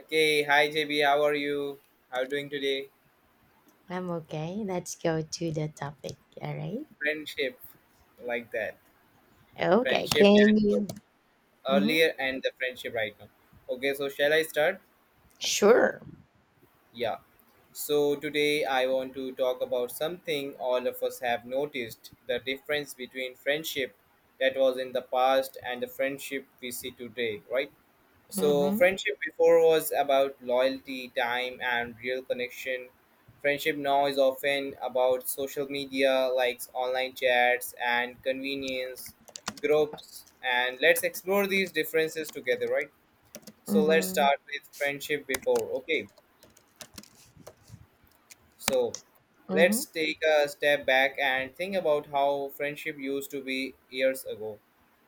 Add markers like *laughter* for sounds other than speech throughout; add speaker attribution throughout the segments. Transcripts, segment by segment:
Speaker 1: Okay, hi JB, how are you? How are you doing today?
Speaker 2: I'm okay. Let's go to the topic. All right.
Speaker 1: Friendship, like that.
Speaker 2: Okay.
Speaker 1: Friendship that
Speaker 2: Can
Speaker 1: was
Speaker 2: you? Mm-hmm.
Speaker 1: earlier and the friendship right now. Okay, so shall I start?
Speaker 2: Sure.
Speaker 1: Yeah. So today I want to talk about something all of us have noticed: the difference between friendship that was in the past and the friendship we see today, right? So,
Speaker 2: Mm-hmm.
Speaker 1: friendship before was about loyalty, time, and real connection. Friendship now is often about social media, likes, online chats, and convenience groups. And let's explore these differences together, right? So, let's
Speaker 2: Mm-hmm.
Speaker 1: start with friendship before. Okay. So
Speaker 2: Mm-hmm.
Speaker 1: let's take a step back and think about how friendship used to be years ago.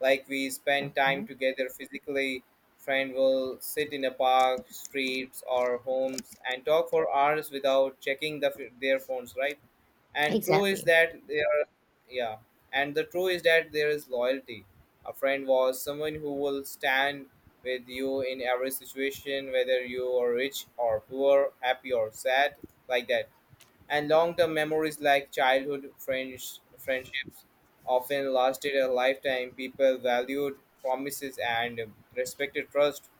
Speaker 1: Like, we spend time
Speaker 2: Okay.
Speaker 1: together physically, friend will sit in a park, streets, or homes and talk for hours without checking their phones, right? And true is
Speaker 2: Exactly.
Speaker 1: that yeah, and the true is that there is loyalty. A friend was someone who will stand with you in every situation, whether you are rich or poor, happy or sad, like that, and long-term memories like childhood friends, friendships often lasted a lifetime. People valued promises and respected trust,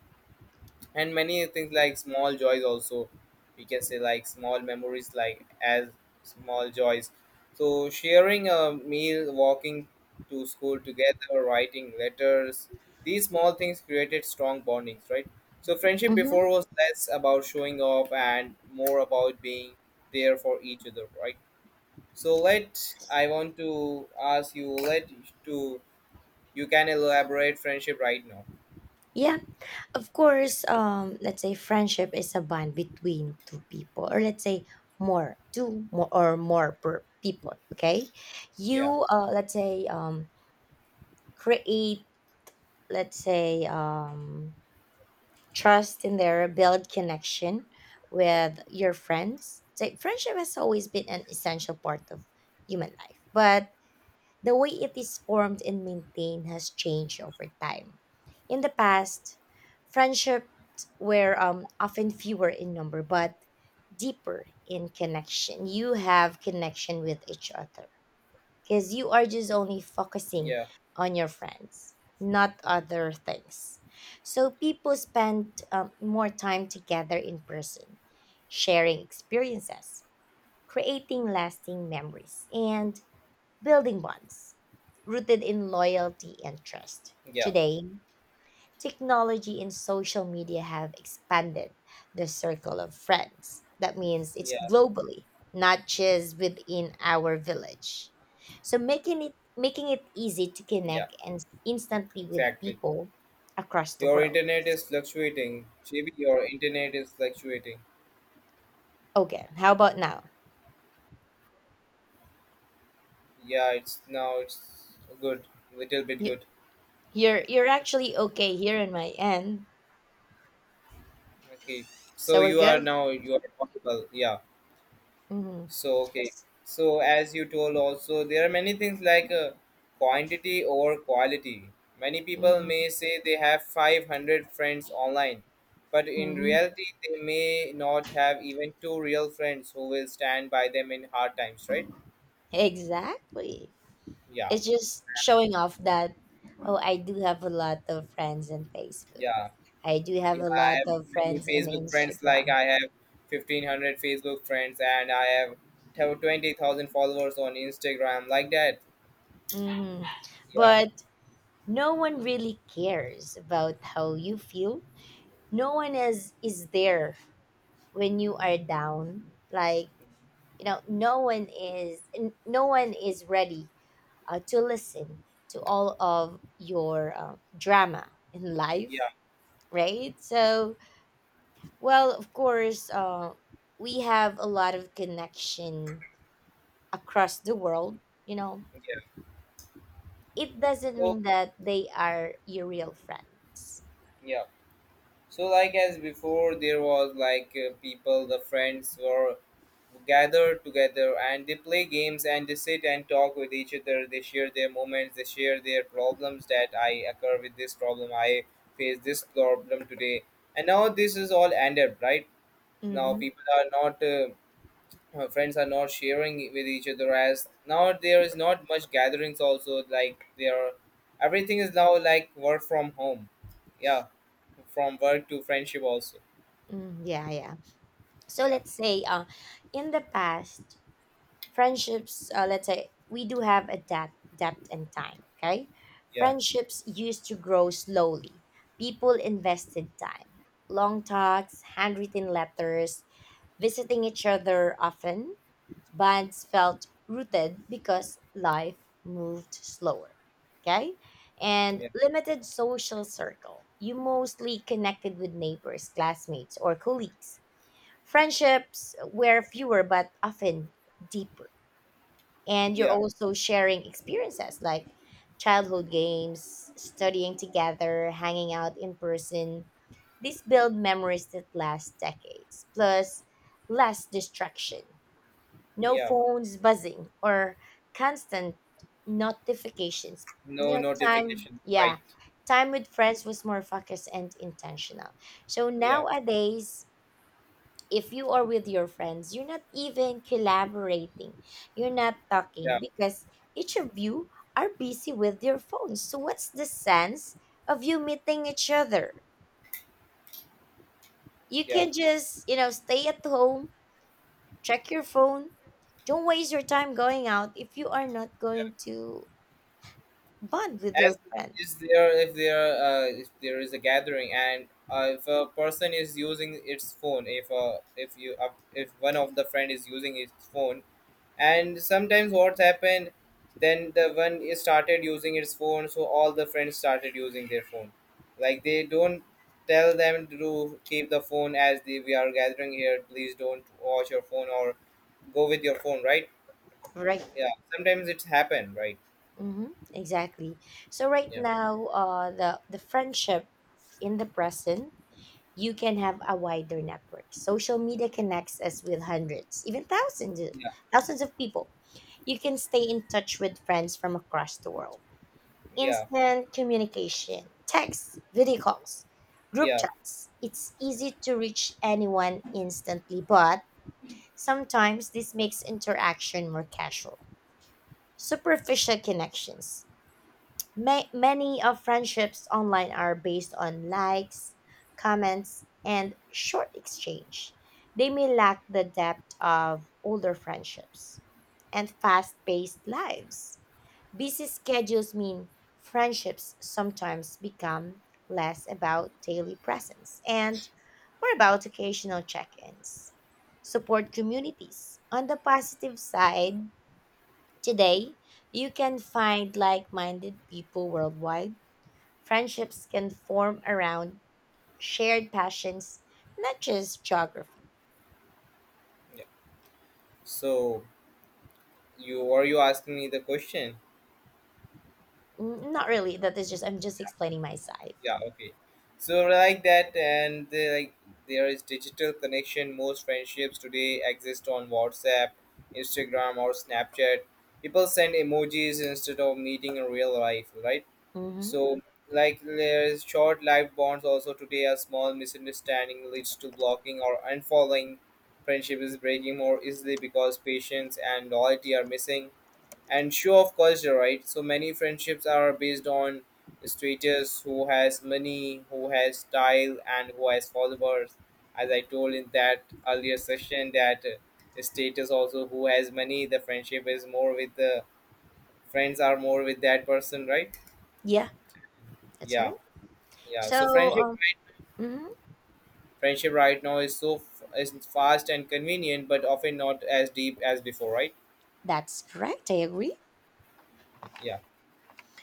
Speaker 1: and many things like small joys also. We can say like small memories, like as small joys. So sharing a meal, walking to school together, writing letters. These small things created strong bondings, right? So friendship
Speaker 2: Mm-hmm.
Speaker 1: before was less about showing off and more about being there for each other, right? So let I want to ask you let to you can elaborate friendship right now.
Speaker 2: Yeah. Of course. Let's say friendship is a bond between two people, or let's say more, two more or more per people. Okay.
Speaker 1: Yeah,
Speaker 2: You. Let's say. Create. Let's say. Trust in there, build connection with your friends. It's like friendship has always been an essential part of human life, but the way it is formed and maintained has changed over time. In the past, friendships were often fewer in number but deeper in connection. You have connection with each other because you are just only focusing
Speaker 1: yeah,
Speaker 2: on your friends, not other things. So people spend more time together in person, sharing experiences, creating lasting memories, and building bonds rooted in loyalty and trust.
Speaker 1: yeah,
Speaker 2: Today, technology and social media have expanded the circle of friends. That means it's
Speaker 1: yeah,
Speaker 2: globally, not just within our village. So making it easy to
Speaker 1: yeah.
Speaker 2: connect and instantly with
Speaker 1: Exactly.
Speaker 2: people across the
Speaker 1: Your
Speaker 2: world.
Speaker 1: internet is fluctuating. JB, your internet is fluctuating.
Speaker 2: Okay, how about now?
Speaker 1: Yeah, it's now it's good, little bit
Speaker 2: You-
Speaker 1: good.
Speaker 2: you're actually okay here in my end,
Speaker 1: Okay. So
Speaker 2: so we're
Speaker 1: you are
Speaker 2: good.
Speaker 1: now you are possible. Yeah.
Speaker 2: Mm-hmm.
Speaker 1: So okay. So as you told also, there are many things like quantity over quality. Many people
Speaker 2: Mm-hmm.
Speaker 1: may say they have 500 friends online, but in
Speaker 2: Mm-hmm.
Speaker 1: reality they may not have even two real friends who will stand by them in hard times, right?
Speaker 2: Exactly.
Speaker 1: Yeah.
Speaker 2: It's just showing off that, oh, I do have a lot of friends in Facebook.
Speaker 1: Yeah.
Speaker 2: I do have
Speaker 1: Yeah,
Speaker 2: a
Speaker 1: I
Speaker 2: lot
Speaker 1: have
Speaker 2: of
Speaker 1: many
Speaker 2: friends in
Speaker 1: Facebook friends. Like,
Speaker 2: Instagram.
Speaker 1: I have 1500 Facebook friends and I have 20,000 followers on Instagram, like that.
Speaker 2: Hmm.
Speaker 1: Yeah.
Speaker 2: But no one really cares about how you feel. No one is there when you are down. Like, you know, no one is ready to listen to all of your drama in life,
Speaker 1: Yeah.
Speaker 2: right? So well, of course, we have a lot of connection across the world. You know,
Speaker 1: Yeah.
Speaker 2: it doesn't
Speaker 1: So
Speaker 2: mean that they are your real friends.
Speaker 1: yeah. So, like as before, there was like people, the friends were gathered together and they play games and they sit and talk with each other. They share their moments, they share their problems that I occur with this problem, I face this problem today. And now this is all ended, right? Now
Speaker 2: Mm-hmm.
Speaker 1: people are not friends are not sharing with each other, as now there is not much gatherings also. Like, there are, everything is now like work from home, yeah, from work to friendship also.
Speaker 2: Mm, yeah, yeah. So
Speaker 1: Yeah,
Speaker 2: let's say in the past, friendships, let's say we do have a depth and time. Okay,
Speaker 1: yeah,
Speaker 2: friendships used to grow slowly. People invested time, long talks, handwritten letters, visiting each other often. Bonds felt rooted because life moved slower. Okay, and
Speaker 1: yeah,
Speaker 2: limited social circle, you mostly connected with neighbors, classmates, or colleagues. Friendships were fewer but often deeper. And you're
Speaker 1: yeah,
Speaker 2: also sharing experiences, like childhood games, studying together, hanging out in person. These build memories that last decades, plus less distraction. No
Speaker 1: yeah.
Speaker 2: phones buzzing or constant notifications.
Speaker 1: No
Speaker 2: You know, time,
Speaker 1: notification,
Speaker 2: yeah.
Speaker 1: right.
Speaker 2: Time with friends was more focused and intentional. So
Speaker 1: Yeah,
Speaker 2: nowadays, if you are with your friends, you're not even collaborating. You're not
Speaker 1: yeah,
Speaker 2: talking because each of you are busy with your phones. So what's the sense of you meeting each other? You
Speaker 1: yeah.
Speaker 2: can just, you know, stay at home, check your phone. Don't waste your time going out if you are not going to bond with your
Speaker 1: as
Speaker 2: friend,
Speaker 1: is there, if there is a gathering, and if a person is using its phone if you if one of the friend is using its phone, and sometimes what happened, then the one is started using his phone, so all the friends started using their phone. Like, they don't tell them to keep the phone, as the, we are gathering here, please don't watch your phone or go with your phone, right?
Speaker 2: right?
Speaker 1: Yeah, sometimes it's happened, right?
Speaker 2: Mm-hmm, exactly. So right
Speaker 1: Yeah,
Speaker 2: now, the friendship in the present, you can have a wider network. Social media connects us with hundreds, even
Speaker 1: yeah,
Speaker 2: thousands of people. You can stay in touch with friends from across the world.
Speaker 1: yeah,
Speaker 2: Instant communication, texts, video calls, group
Speaker 1: yeah,
Speaker 2: chats. It's easy to reach anyone instantly, but sometimes this makes interaction more casual. Superficial connections. Many of friendships online are based on likes, comments, and short exchange. They may lack the depth of older friendships and fast-paced lives. Busy schedules mean friendships sometimes become less about daily presence and more about occasional check-ins. Support communities. On the positive side, today you can find like-minded people worldwide. Friendships can form around shared passions, not just geography.
Speaker 1: yeah. So you are you asking me the question?
Speaker 2: Not really. That is just I'm just explaining my side.
Speaker 1: Yeah, okay. So like that, and they, like, there is digital connection. Most friendships today exist on WhatsApp, Instagram, or Snapchat. People send emojis instead of meeting in real life, right?
Speaker 2: Mm-hmm.
Speaker 1: So, like, there's short life bonds also. Today a small misunderstanding leads to blocking or unfollowing. Friendship is breaking more easily because patience and loyalty are missing. And sure, of course, you're right. So many friendships are based on status: who has money, who has style, and who has followers. As I told in that earlier session, that status also, who has money. The friendship is more with the, friends are more with that person, right?
Speaker 2: Yeah, that's
Speaker 1: Yeah,
Speaker 2: right.
Speaker 1: yeah.
Speaker 2: So,
Speaker 1: So friendship,
Speaker 2: mhm,
Speaker 1: friendship right now is fast and convenient, but often not as deep as before, right?
Speaker 2: that's correct. I agree.
Speaker 1: Yeah,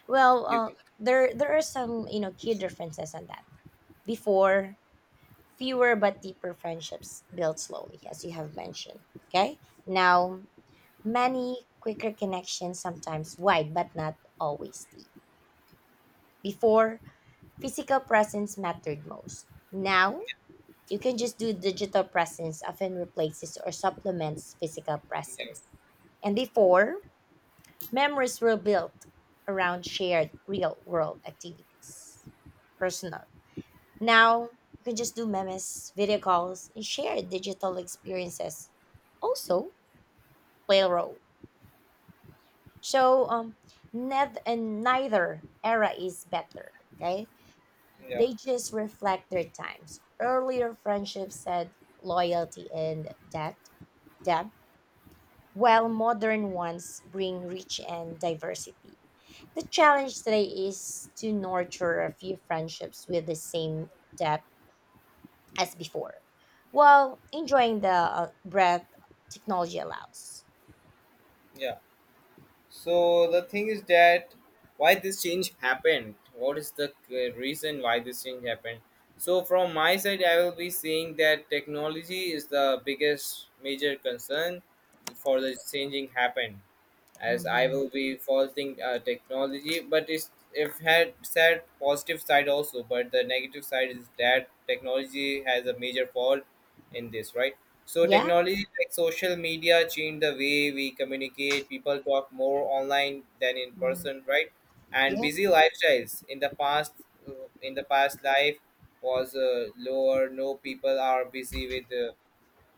Speaker 2: Well,
Speaker 1: you.
Speaker 2: there are some, you know, key differences on that. Before, fewer but deeper friendships built slowly, as you have mentioned. Okay. Now, many quicker connections, sometimes wide but not always deep. Before, physical presence mattered most. Now, you can just do digital presence often replaces or supplements physical
Speaker 1: Yeah,
Speaker 2: presence. And before, memories were built around shared real world activities, personal. Now, you can just do memes, video calls, and share digital experiences. Also, play a role. So, And neither era is better. Okay,
Speaker 1: yeah,
Speaker 2: they just reflect their times. Earlier friendships said loyalty and depth, while modern ones bring reach and diversity. The challenge today is to nurture a few friendships with the same depth as before, while enjoying the breadth technology allows.
Speaker 1: yeah. So the thing is that, why this change happened? What is the reason why this change happened? So from my side, I will be saying that technology is the biggest major concern for the changing happened. As I
Speaker 2: Mhm.
Speaker 1: will be faulting technology, but it's, if had said positive side also, but the negative side is that technology has a major fault in this, right? So
Speaker 2: Yeah.
Speaker 1: technology like social media changed the way we communicate. People talk more online than in
Speaker 2: Mhm.
Speaker 1: person, right? And busy
Speaker 2: Yes.
Speaker 1: lifestyles in the past, uh, in the past life was lower. No, people are busy with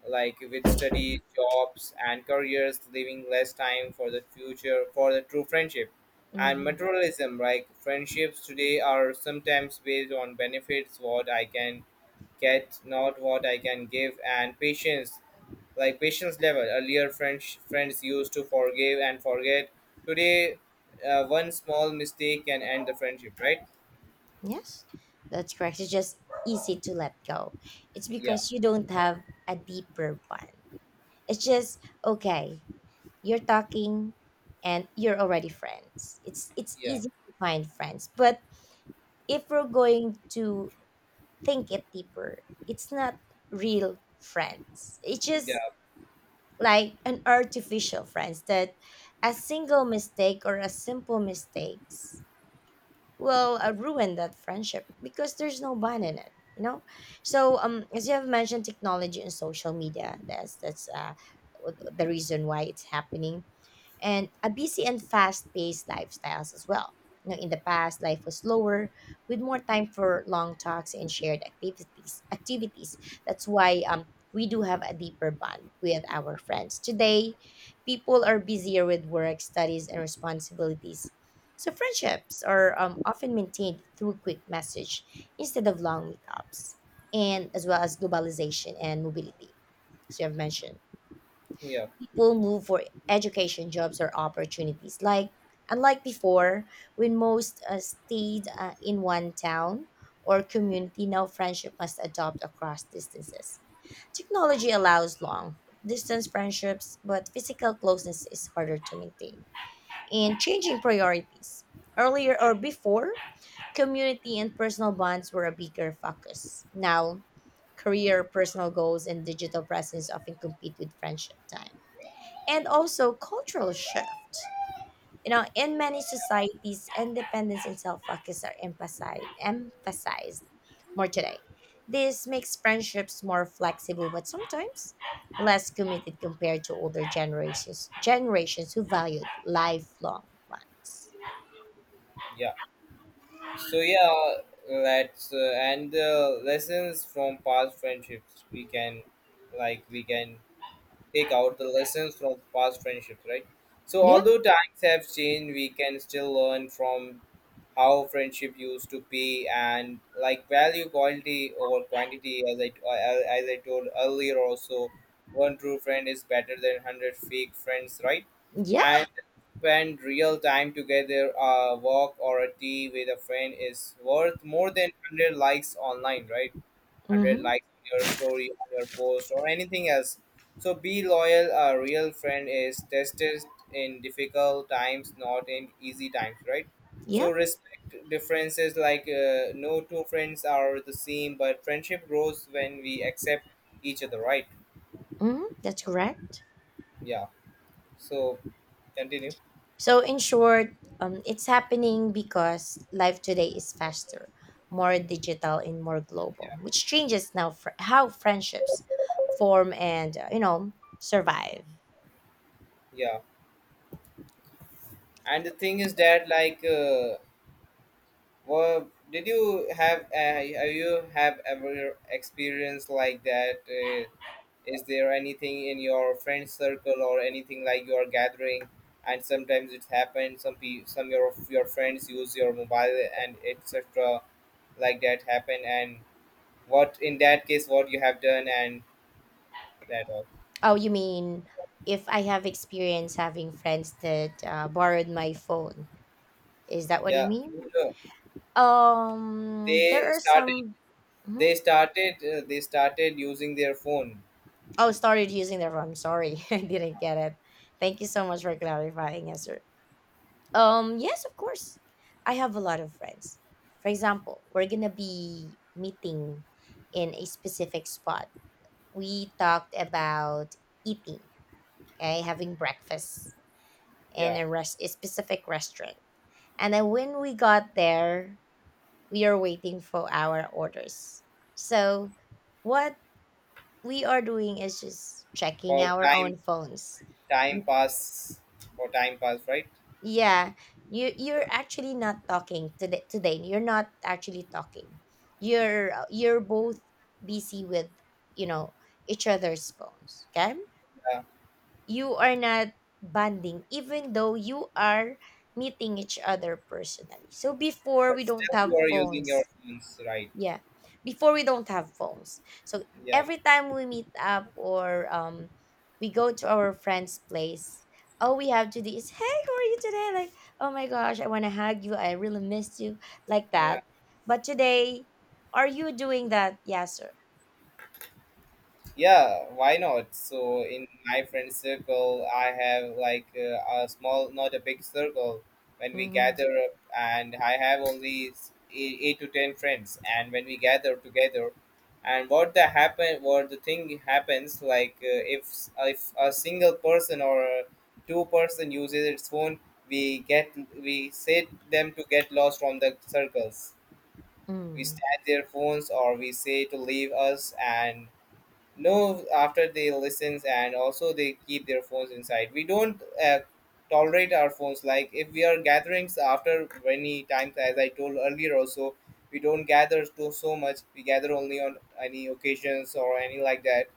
Speaker 1: like with studies, jobs, and careers, leaving less time for the future, for the true friendship. And
Speaker 2: Mhm.
Speaker 1: materialism, like, friendships today are sometimes based on benefits, what I can get, not what I can give. And patience, like patience level. Earlier, French friends used to forgive and forget. Today, one small mistake can end the friendship, right?
Speaker 2: Yes, that's correct. It's just easy to let go. It's
Speaker 1: Yeah,
Speaker 2: because you don't have a deeper bond. It's just okay. You're talking, and you're already friends. It's
Speaker 1: yeah,
Speaker 2: easy to find friends, but if we're going to think it deeper, it's not real friends. It's just
Speaker 1: yeah,
Speaker 2: like an artificial friends that a single mistake or a simple mistakes will ruin that friendship because there's no bond in it, you know. So um, as you have mentioned, technology and social media, the reason why it's happening, and a busy and fast-paced lifestyles as well. You know, in the past, life was slower with more time for long talks and shared activities. Activities. That's why we do have a deeper bond with our friends. Today, people are busier with work, studies, and responsibilities. So friendships are often maintained through quick message instead of long meetups, and as well as globalization and mobility, as you have mentioned,
Speaker 1: yeah,
Speaker 2: people move for education, jobs, or opportunities. Like, unlike before, when most stayed in one town or community, now friendship must adopt across distances. Technology allows long distance friendships, but physical closeness is harder to maintain. And changing priorities. Earlier or before, community and personal bonds were a bigger focus. Now, career, personal goals, and digital presence often compete with friendship time, and also cultural shift. You know, in many societies, independence and self-focus are emphasized more today. This makes friendships more flexible, but sometimes less committed compared to older generations. Generations who valued lifelong bonds.
Speaker 1: yeah. So yeah, let's and the lessons from past friendships we can, like, we can take out the lessons from past friendships, right? So
Speaker 2: Yeah,
Speaker 1: although times have changed, we can still learn from how friendship used to be, and like value quality over quantity, as I, as I told earlier also, one true friend is better than 100 fake friends, right?
Speaker 2: yeah,
Speaker 1: And spend real time together, a walk or a tea with a friend is worth more than 100 likes online, right? 100
Speaker 2: mm-hmm,
Speaker 1: likes on your story, on your post, or anything else. So be loyal. A real friend is tested in difficult times, not in easy times, right?
Speaker 2: yeah,
Speaker 1: So respect differences. Like, no two friends are the same, but friendship grows when we accept each other, right?
Speaker 2: mm-hmm, that's correct.
Speaker 1: Yeah. So continue.
Speaker 2: So, in short, it's happening because life today is faster, more digital, and more global, which changes how friendships form and you know, survive.
Speaker 1: Yeah. And the thing is that, like, well, did you have you have ever experienced like that? Is there anything in your friend circle or anything, like you are gathering, and sometimes it happens. Some your friends use your mobile and etc. Like that happen, and what in that case what you have done, and that all.
Speaker 2: Oh, you mean if I have experience having friends that borrowed my phone? Is that what you
Speaker 1: Yeah,
Speaker 2: mean?
Speaker 1: you know, they
Speaker 2: There are
Speaker 1: started.
Speaker 2: some. Mhm.
Speaker 1: They started. They started using their phone.
Speaker 2: Oh, started using their phone. I'm sorry, *laughs* I didn't get it. Thank you so much for clarifying, yes, sir. Yes, of course. I have a lot of friends. For example, we're gonna be meeting in a specific spot. We talked about eating, okay, having breakfast in
Speaker 1: Yeah,
Speaker 2: a specific restaurant. And then when we got there, we are waiting for our orders. So, what we are doing is just checking
Speaker 1: for
Speaker 2: our
Speaker 1: time,
Speaker 2: own phones.
Speaker 1: time pass or time pass, right?
Speaker 2: Yeah, you're actually not talking today. Today, you're not actually talking. You're both busy with, you know, each other's phones. Okay,
Speaker 1: Yeah,
Speaker 2: you are not bonding, even though you are meeting each other personally. So before
Speaker 1: but
Speaker 2: we don't
Speaker 1: still you
Speaker 2: have
Speaker 1: are using your
Speaker 2: phones,
Speaker 1: phones, right?
Speaker 2: yeah. Before we don't have phones. So
Speaker 1: Yeah,
Speaker 2: every time we meet up or we go to our friend's place, all we have to do is, "Hey, how are you today?" Like, "Oh my gosh, I wanna hug you, I really missed you," like
Speaker 1: yeah.
Speaker 2: that. But today, are you doing that? Yes, sir.
Speaker 1: Yeah, why not? So in my friend circle, I have like a small, not a big circle. When we
Speaker 2: Mm-hmm.
Speaker 1: gather up, and I have only eight, eight to ten friends, and when we gather together, and what the happen, what the thing happens, like, if a single person or a two-person uses its phone, we get we say them to get lost from the circles. We
Speaker 2: Mm.
Speaker 1: snatch their phones, or we say to leave us, and no, after they listens, and also they keep their phones inside. We don't tolerate our phones. Like, if we are gatherings after many times, as I told earlier also, we don't gather to so much. We gather only on any occasions or any, like that.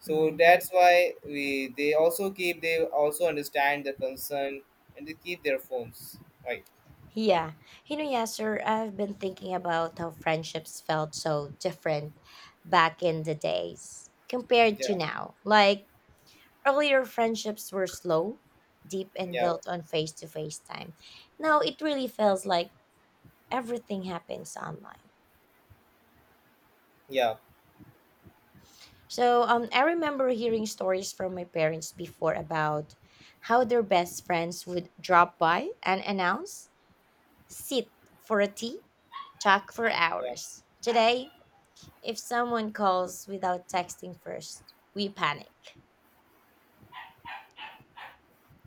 Speaker 1: So that's
Speaker 2: Mm.
Speaker 1: why we they also keep, they also understand the concern and they keep their phones, right?
Speaker 2: Yeah. You know, yes, sir, I've been thinking about how friendships felt so different back in the days compared to
Speaker 1: Yeah,
Speaker 2: now. Like, earlier friendships were slow, deep, and
Speaker 1: yeah,
Speaker 2: built on face to face time. Now it really feels like everything happens online.
Speaker 1: yeah,
Speaker 2: So I remember hearing stories from my parents before about how their best friends would drop by and announce, sit for a tea, talk for
Speaker 1: yeah,
Speaker 2: hours. Today, if someone calls without texting first, we panic.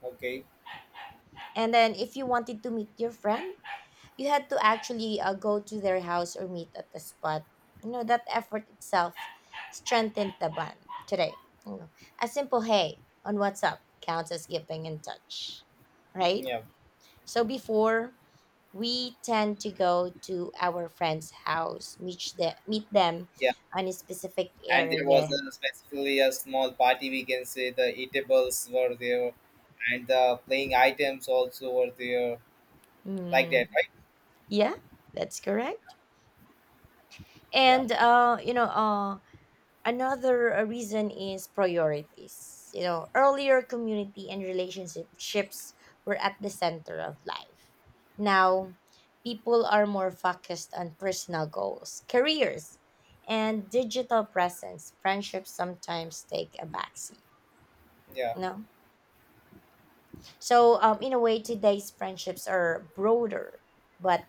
Speaker 1: okay,
Speaker 2: And then if you wanted to meet your friend, you had to actually go to their house or meet at the spot. You know, that effort itself strengthened the bond. Today, you know, a simple "hey" on WhatsApp counts as keeping in touch, right?
Speaker 1: yeah,
Speaker 2: So before, we tend to go to our friend's house, meet them
Speaker 1: yeah.
Speaker 2: on a specific
Speaker 1: And there was
Speaker 2: area.
Speaker 1: a, specifically a small party, we can say, the eatables were there and the playing items also were there, like that,
Speaker 2: Mm,
Speaker 1: right?
Speaker 2: yeah, that's correct.
Speaker 1: Yeah,
Speaker 2: And you know, another reason is priorities. You know, earlier community and relationships were at the center of life. Now, people are more focused on personal goals, careers, and digital presence. Friendships sometimes take a backseat.
Speaker 1: yeah,
Speaker 2: No, so in a way, today's friendships are broader but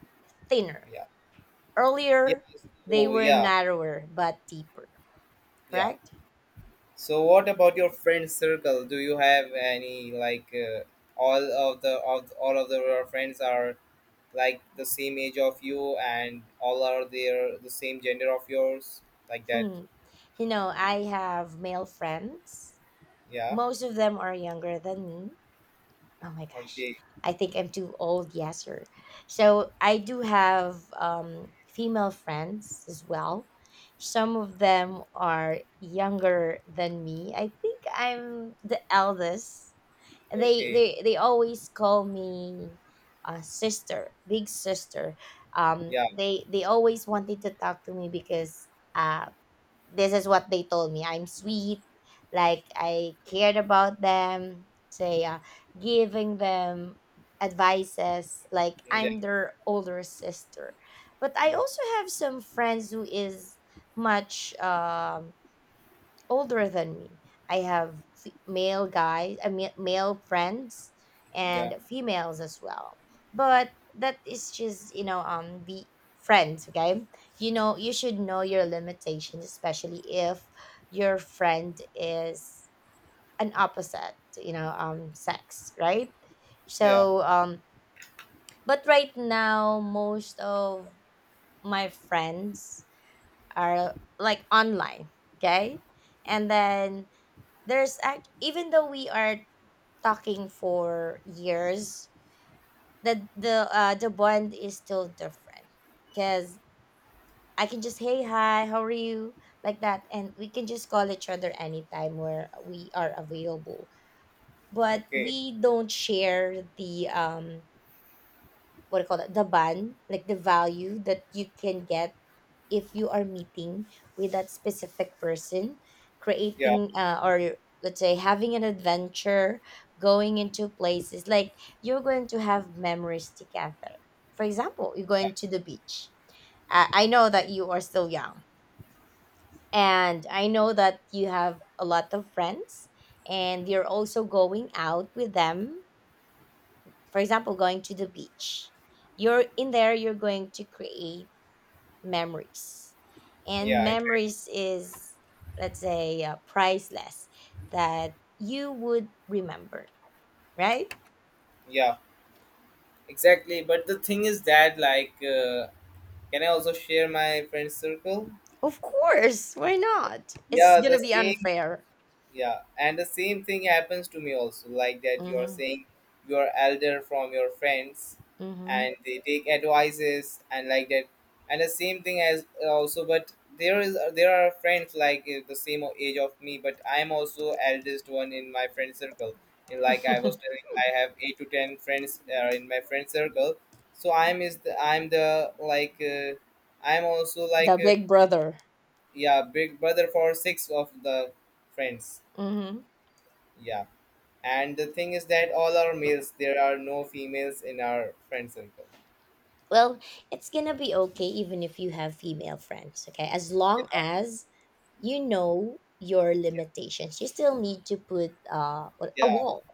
Speaker 2: thinner.
Speaker 1: yeah, yeah.
Speaker 2: Earlier, they
Speaker 1: So
Speaker 2: were
Speaker 1: yeah,
Speaker 2: narrower but deeper.
Speaker 1: yeah.
Speaker 2: Correct?
Speaker 1: So what about your friend circle? Do you have any, like, all of the of all of the, your friends are, like, the same age of you, and all are there the same gender of yours, like that?
Speaker 2: Hmm. You know, I have male friends.
Speaker 1: Yeah,
Speaker 2: Most of them are younger than me. Oh my gosh.
Speaker 1: okay,
Speaker 2: I think I'm too old, yes, sir. So I do have female friends as well. Some of them are younger than me. I think I'm the eldest.
Speaker 1: okay,
Speaker 2: They always call me sister, big sister.
Speaker 1: yeah,
Speaker 2: They always wanted to talk to me because uh, this is what they told me. I'm sweet, like I cared about them, say giving them advices like
Speaker 1: yeah,
Speaker 2: I'm their older sister. But I
Speaker 1: yeah,
Speaker 2: also have some friends who is much older than me. I have male guys, I mean, male friends,
Speaker 1: yeah,
Speaker 2: and females as well. But that is just be friends, okay? You know you should know your limitations, especially if your friend is an opposite, sex, right?
Speaker 1: yeah.
Speaker 2: So um, but right now most of my friends are like online, okay? And then there's act even though we are talking for years, the bond is still different because I can just hey, hi, how are you, like that, and we can just call each other anytime where we are available, but
Speaker 1: Okay.
Speaker 2: we don't share the what do you call that, the bond, like the value that you can get if you are meeting with that specific person,
Speaker 1: Yeah.
Speaker 2: creating or let's say having an adventure, going into places like you're going to have memories together. For example, you're
Speaker 1: Yeah.
Speaker 2: going to the beach. I know that you are still young, and I know that you have a lot of friends, and you're also going out with them. For example, going to the beach. You're in there, you're going to create memories, and
Speaker 1: Yeah. Exactly.
Speaker 2: memories is let's say priceless, that you would remember, right?
Speaker 1: Yeah. Exactly. But the thing is that, like, can I also share my friend circle?
Speaker 2: Of course, why not? It's
Speaker 1: Yeah. The
Speaker 2: gonna be
Speaker 1: same.
Speaker 2: unfair.
Speaker 1: Yeah, and the same thing happens to me also, like that you're
Speaker 2: Hmm.
Speaker 1: saying, you're elder from your friends
Speaker 2: Hmm.
Speaker 1: and they take advices and like that. And the same thing as also, but there is there are friends like the same age of me, but I'm also eldest one in my friend circle. And like I
Speaker 2: *laughs*
Speaker 1: was telling, I have eight to ten friends in my friend circle, so I'm is the, I'm the like I'm also
Speaker 2: The
Speaker 1: like
Speaker 2: big brother.
Speaker 1: yeah, big brother for six of the friends.
Speaker 2: Hmm.
Speaker 1: Yeah. And the thing is that all are males. There are no females in our friend circle.
Speaker 2: Well, it's gonna be okay even if you have female friends, okay? As long as you know your
Speaker 1: Yeah,
Speaker 2: limitations, you still need to put a
Speaker 1: yeah,
Speaker 2: wall,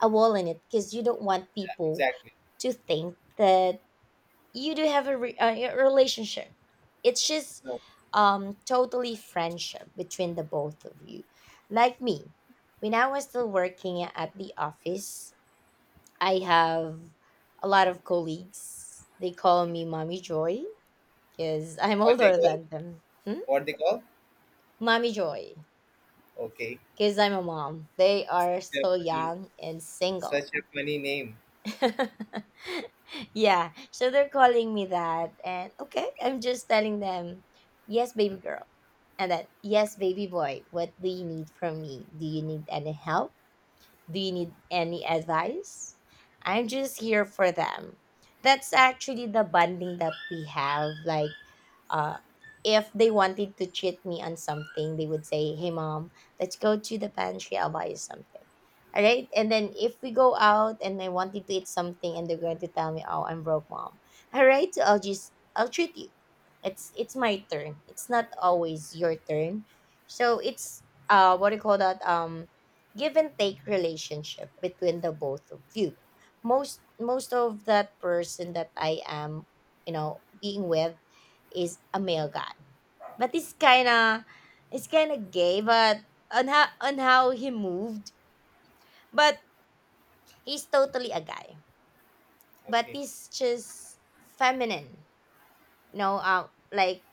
Speaker 2: a wall in it, because you don't want
Speaker 1: yeah,
Speaker 2: people
Speaker 1: exactly.
Speaker 2: to think that you do have a, a relationship. It's just
Speaker 1: No.
Speaker 2: totally friendship between the both of you. Like me, when I was still working at the office, I have a lot of colleagues. They call me Mommy Joy because I'm *laughs*
Speaker 1: What they
Speaker 2: older
Speaker 1: call?
Speaker 2: than them. Hmm?
Speaker 1: What they call?
Speaker 2: Mommy Joy,
Speaker 1: Okay.
Speaker 2: because I'm a mom, they are
Speaker 1: Such a
Speaker 2: still
Speaker 1: funny,
Speaker 2: young and single.
Speaker 1: such a funny name.
Speaker 2: *laughs* Yeah, so they're calling me that, and okay, I'm just telling them, yes, baby girl, and then yes, baby boy, what do you need from me? Do you need any help? Do you need any advice? I'm just here for them. That's actually the bonding that we have. Like, uh, if they wanted to cheat me on something, they would say, Hey, mom, let's go to the pantry. I'll buy you something. All right. And then if we go out and I wanted to eat something and they're going to tell me, Oh, I'm broke, mom. All right. So I'll treat you. It's my turn. It's not always your turn. So it's, what do you call that? Give and take relationship between the both of you. Most of that person that I am, you know, being with is a male guy. But it's kinda, it's kinda gay, but on how he moved. But he's totally a guy. But
Speaker 1: Okay.
Speaker 2: he's just feminine. You know, like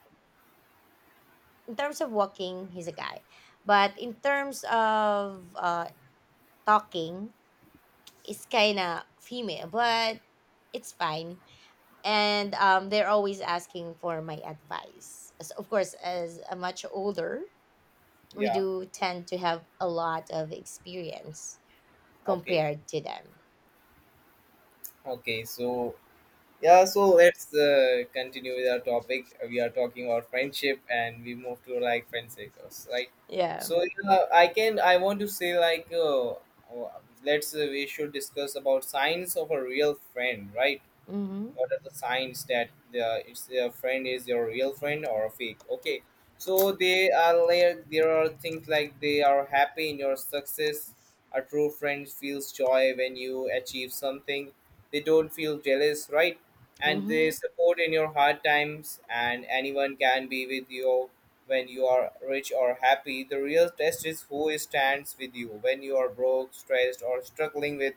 Speaker 2: in terms of walking, he's a guy. But in terms of talking, it's kinda female, but it's fine. And they're always asking for my advice. So of course, as a much older, we
Speaker 1: Yeah.
Speaker 2: do tend to have a lot of experience
Speaker 1: Okay.
Speaker 2: compared to them.
Speaker 1: Okay. So yeah. So let's continue with our topic. We are talking about friendship, and we move to like friend circles, right?
Speaker 2: Yeah.
Speaker 1: So yeah, I can. I want to say like, uh, let's we should discuss about signs of a real friend, right?
Speaker 2: Mm-hmm.
Speaker 1: What are the signs that the it's your friend is your real friend or a fake? Okay, so they are, like, there are things like, they are happy in your success. A true friend feels joy when you achieve something. They don't feel jealous, right? And they
Speaker 2: Mm-hmm.
Speaker 1: support in your hard times. And anyone can be with you when you are rich or happy. The real test is who stands with you when you are broke, stressed, or struggling with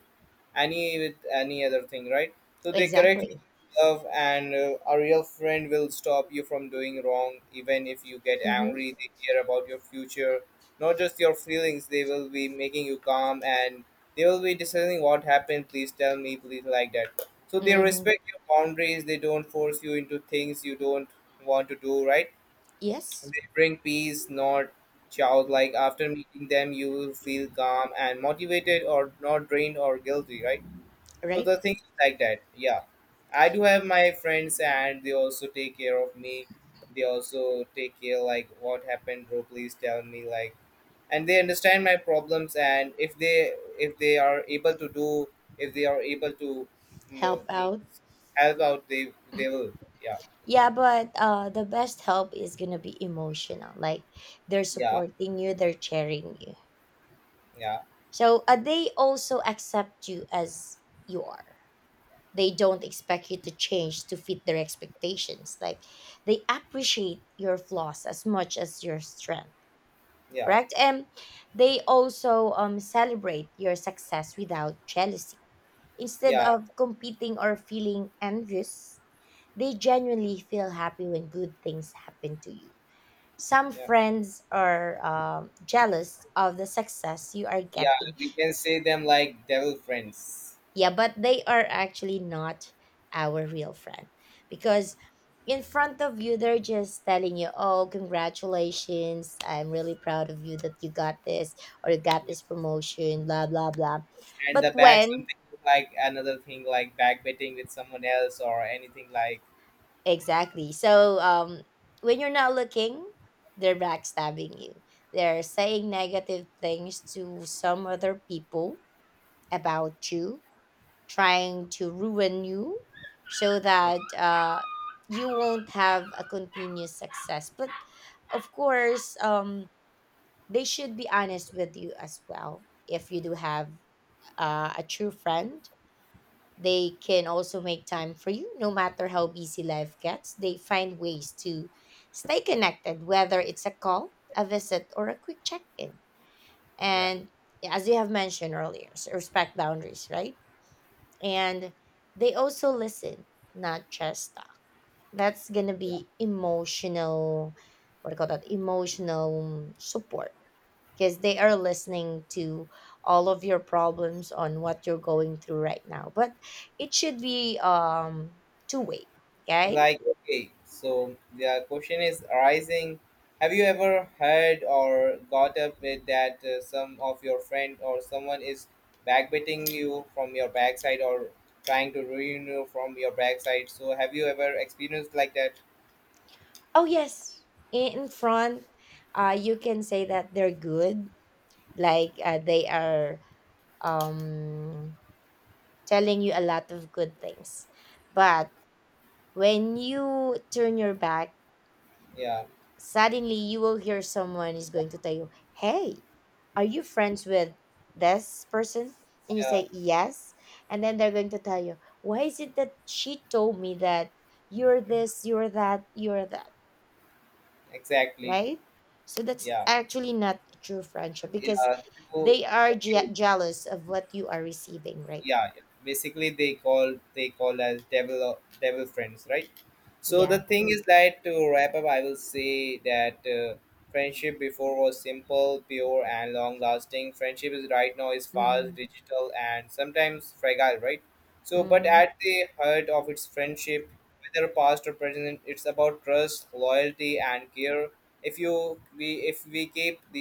Speaker 1: any, with any other thing, right? So they correctly
Speaker 2: Exactly.
Speaker 1: love, and a real friend will stop you from doing wrong, even if you get
Speaker 2: Mm-hmm.
Speaker 1: angry. They care about your future, not just your feelings. They will be making you calm, and they will be deciding what happened. Please tell me, please, like that. So they
Speaker 2: Mm-hmm.
Speaker 1: respect your boundaries. They don't force you into things you don't want to do, right?
Speaker 2: Yes.
Speaker 1: They bring peace, not child. Like, after meeting them you will feel calm and motivated, or not drained or guilty, right? So
Speaker 2: Right.
Speaker 1: the thing is like that. Yeah. I do have my friends and they also take care of me. They also take care, like, what happened, bro, please tell me, like, and they understand my problems, and if they, if they are able to do if they are able to, you know,
Speaker 2: Help
Speaker 1: me
Speaker 2: out.
Speaker 1: help out, they will. Yeah.
Speaker 2: Yeah, but the best help is gonna be emotional. Like they're
Speaker 1: Yeah.
Speaker 2: supporting you, they're cheering you.
Speaker 1: Yeah.
Speaker 2: So they also accept you as you are. They don't expect you to change to fit their expectations. Like, they appreciate your flaws as much as your strength.
Speaker 1: Yeah.
Speaker 2: Correct. And they also celebrate your success without jealousy, instead
Speaker 1: Yeah.
Speaker 2: of competing or feeling envious. They genuinely feel happy when good things happen to you. Some
Speaker 1: Yeah.
Speaker 2: friends are jealous of the success you are
Speaker 1: Yeah.
Speaker 2: getting.
Speaker 1: We can say them like devil friends.
Speaker 2: Yeah, but they are actually not our real friend, because in front of you, they're just telling you, oh, congratulations. I'm really proud of you that you got this or you got this promotion, blah, blah, blah.
Speaker 1: And
Speaker 2: But
Speaker 1: the back
Speaker 2: when,
Speaker 1: something with, like, another thing like back betting with someone else or anything like.
Speaker 2: exactly. So when you're not looking, they're backstabbing you. They're saying negative things to some other people about you, trying to ruin you so that you won't have a continuous success. But of course, they should be honest with you as well. If you do have a true friend, they can also make time for you no matter how busy life gets. They find ways to stay connected, whether it's a call, a visit, or a quick check in.
Speaker 1: Yeah,
Speaker 2: And as you have mentioned earlier, so respect boundaries, right? And they also listen, not just talk. That's gonna
Speaker 1: yeah.
Speaker 2: be emotional, what do you call that, emotional support, because they are listening to all of your problems on what you're going through right now. But it should be two way, okay?
Speaker 1: Like, okay, so the question is arising, have you ever heard or got up with that, some of your friend or someone is backbiting you from your backside or trying to ruin you from your backside? So have you ever experienced like that?
Speaker 2: Oh yes. In front, you can say that they're good, like they are um telling you a lot of good things, but when you turn your back,
Speaker 1: Yeah,
Speaker 2: suddenly you will hear someone is going to tell you, Hey, are you friends with this person? And you
Speaker 1: yeah,
Speaker 2: say, Yes. And then they're going to tell you, Why is it that she told me that you're this, you're that,
Speaker 1: exactly,
Speaker 2: right? So that's
Speaker 1: yeah,
Speaker 2: actually not a true friendship, because
Speaker 1: yeah. So,
Speaker 2: they are
Speaker 1: okay,
Speaker 2: jealous of what you are receiving right now.
Speaker 1: yeah, yeah. Basically they call, they call as devil friends, right? So
Speaker 2: Yeah.
Speaker 1: the thing is that, to wrap up, I will say that friendship before was simple, pure, and long lasting. Friendship is right now is fast,
Speaker 2: Mm-hmm.
Speaker 1: digital, and sometimes fragile, right? So, but
Speaker 2: Mm-hmm.
Speaker 1: at the heart of its friendship, whether past or present, it's about trust, loyalty, and care. If you we if we keep the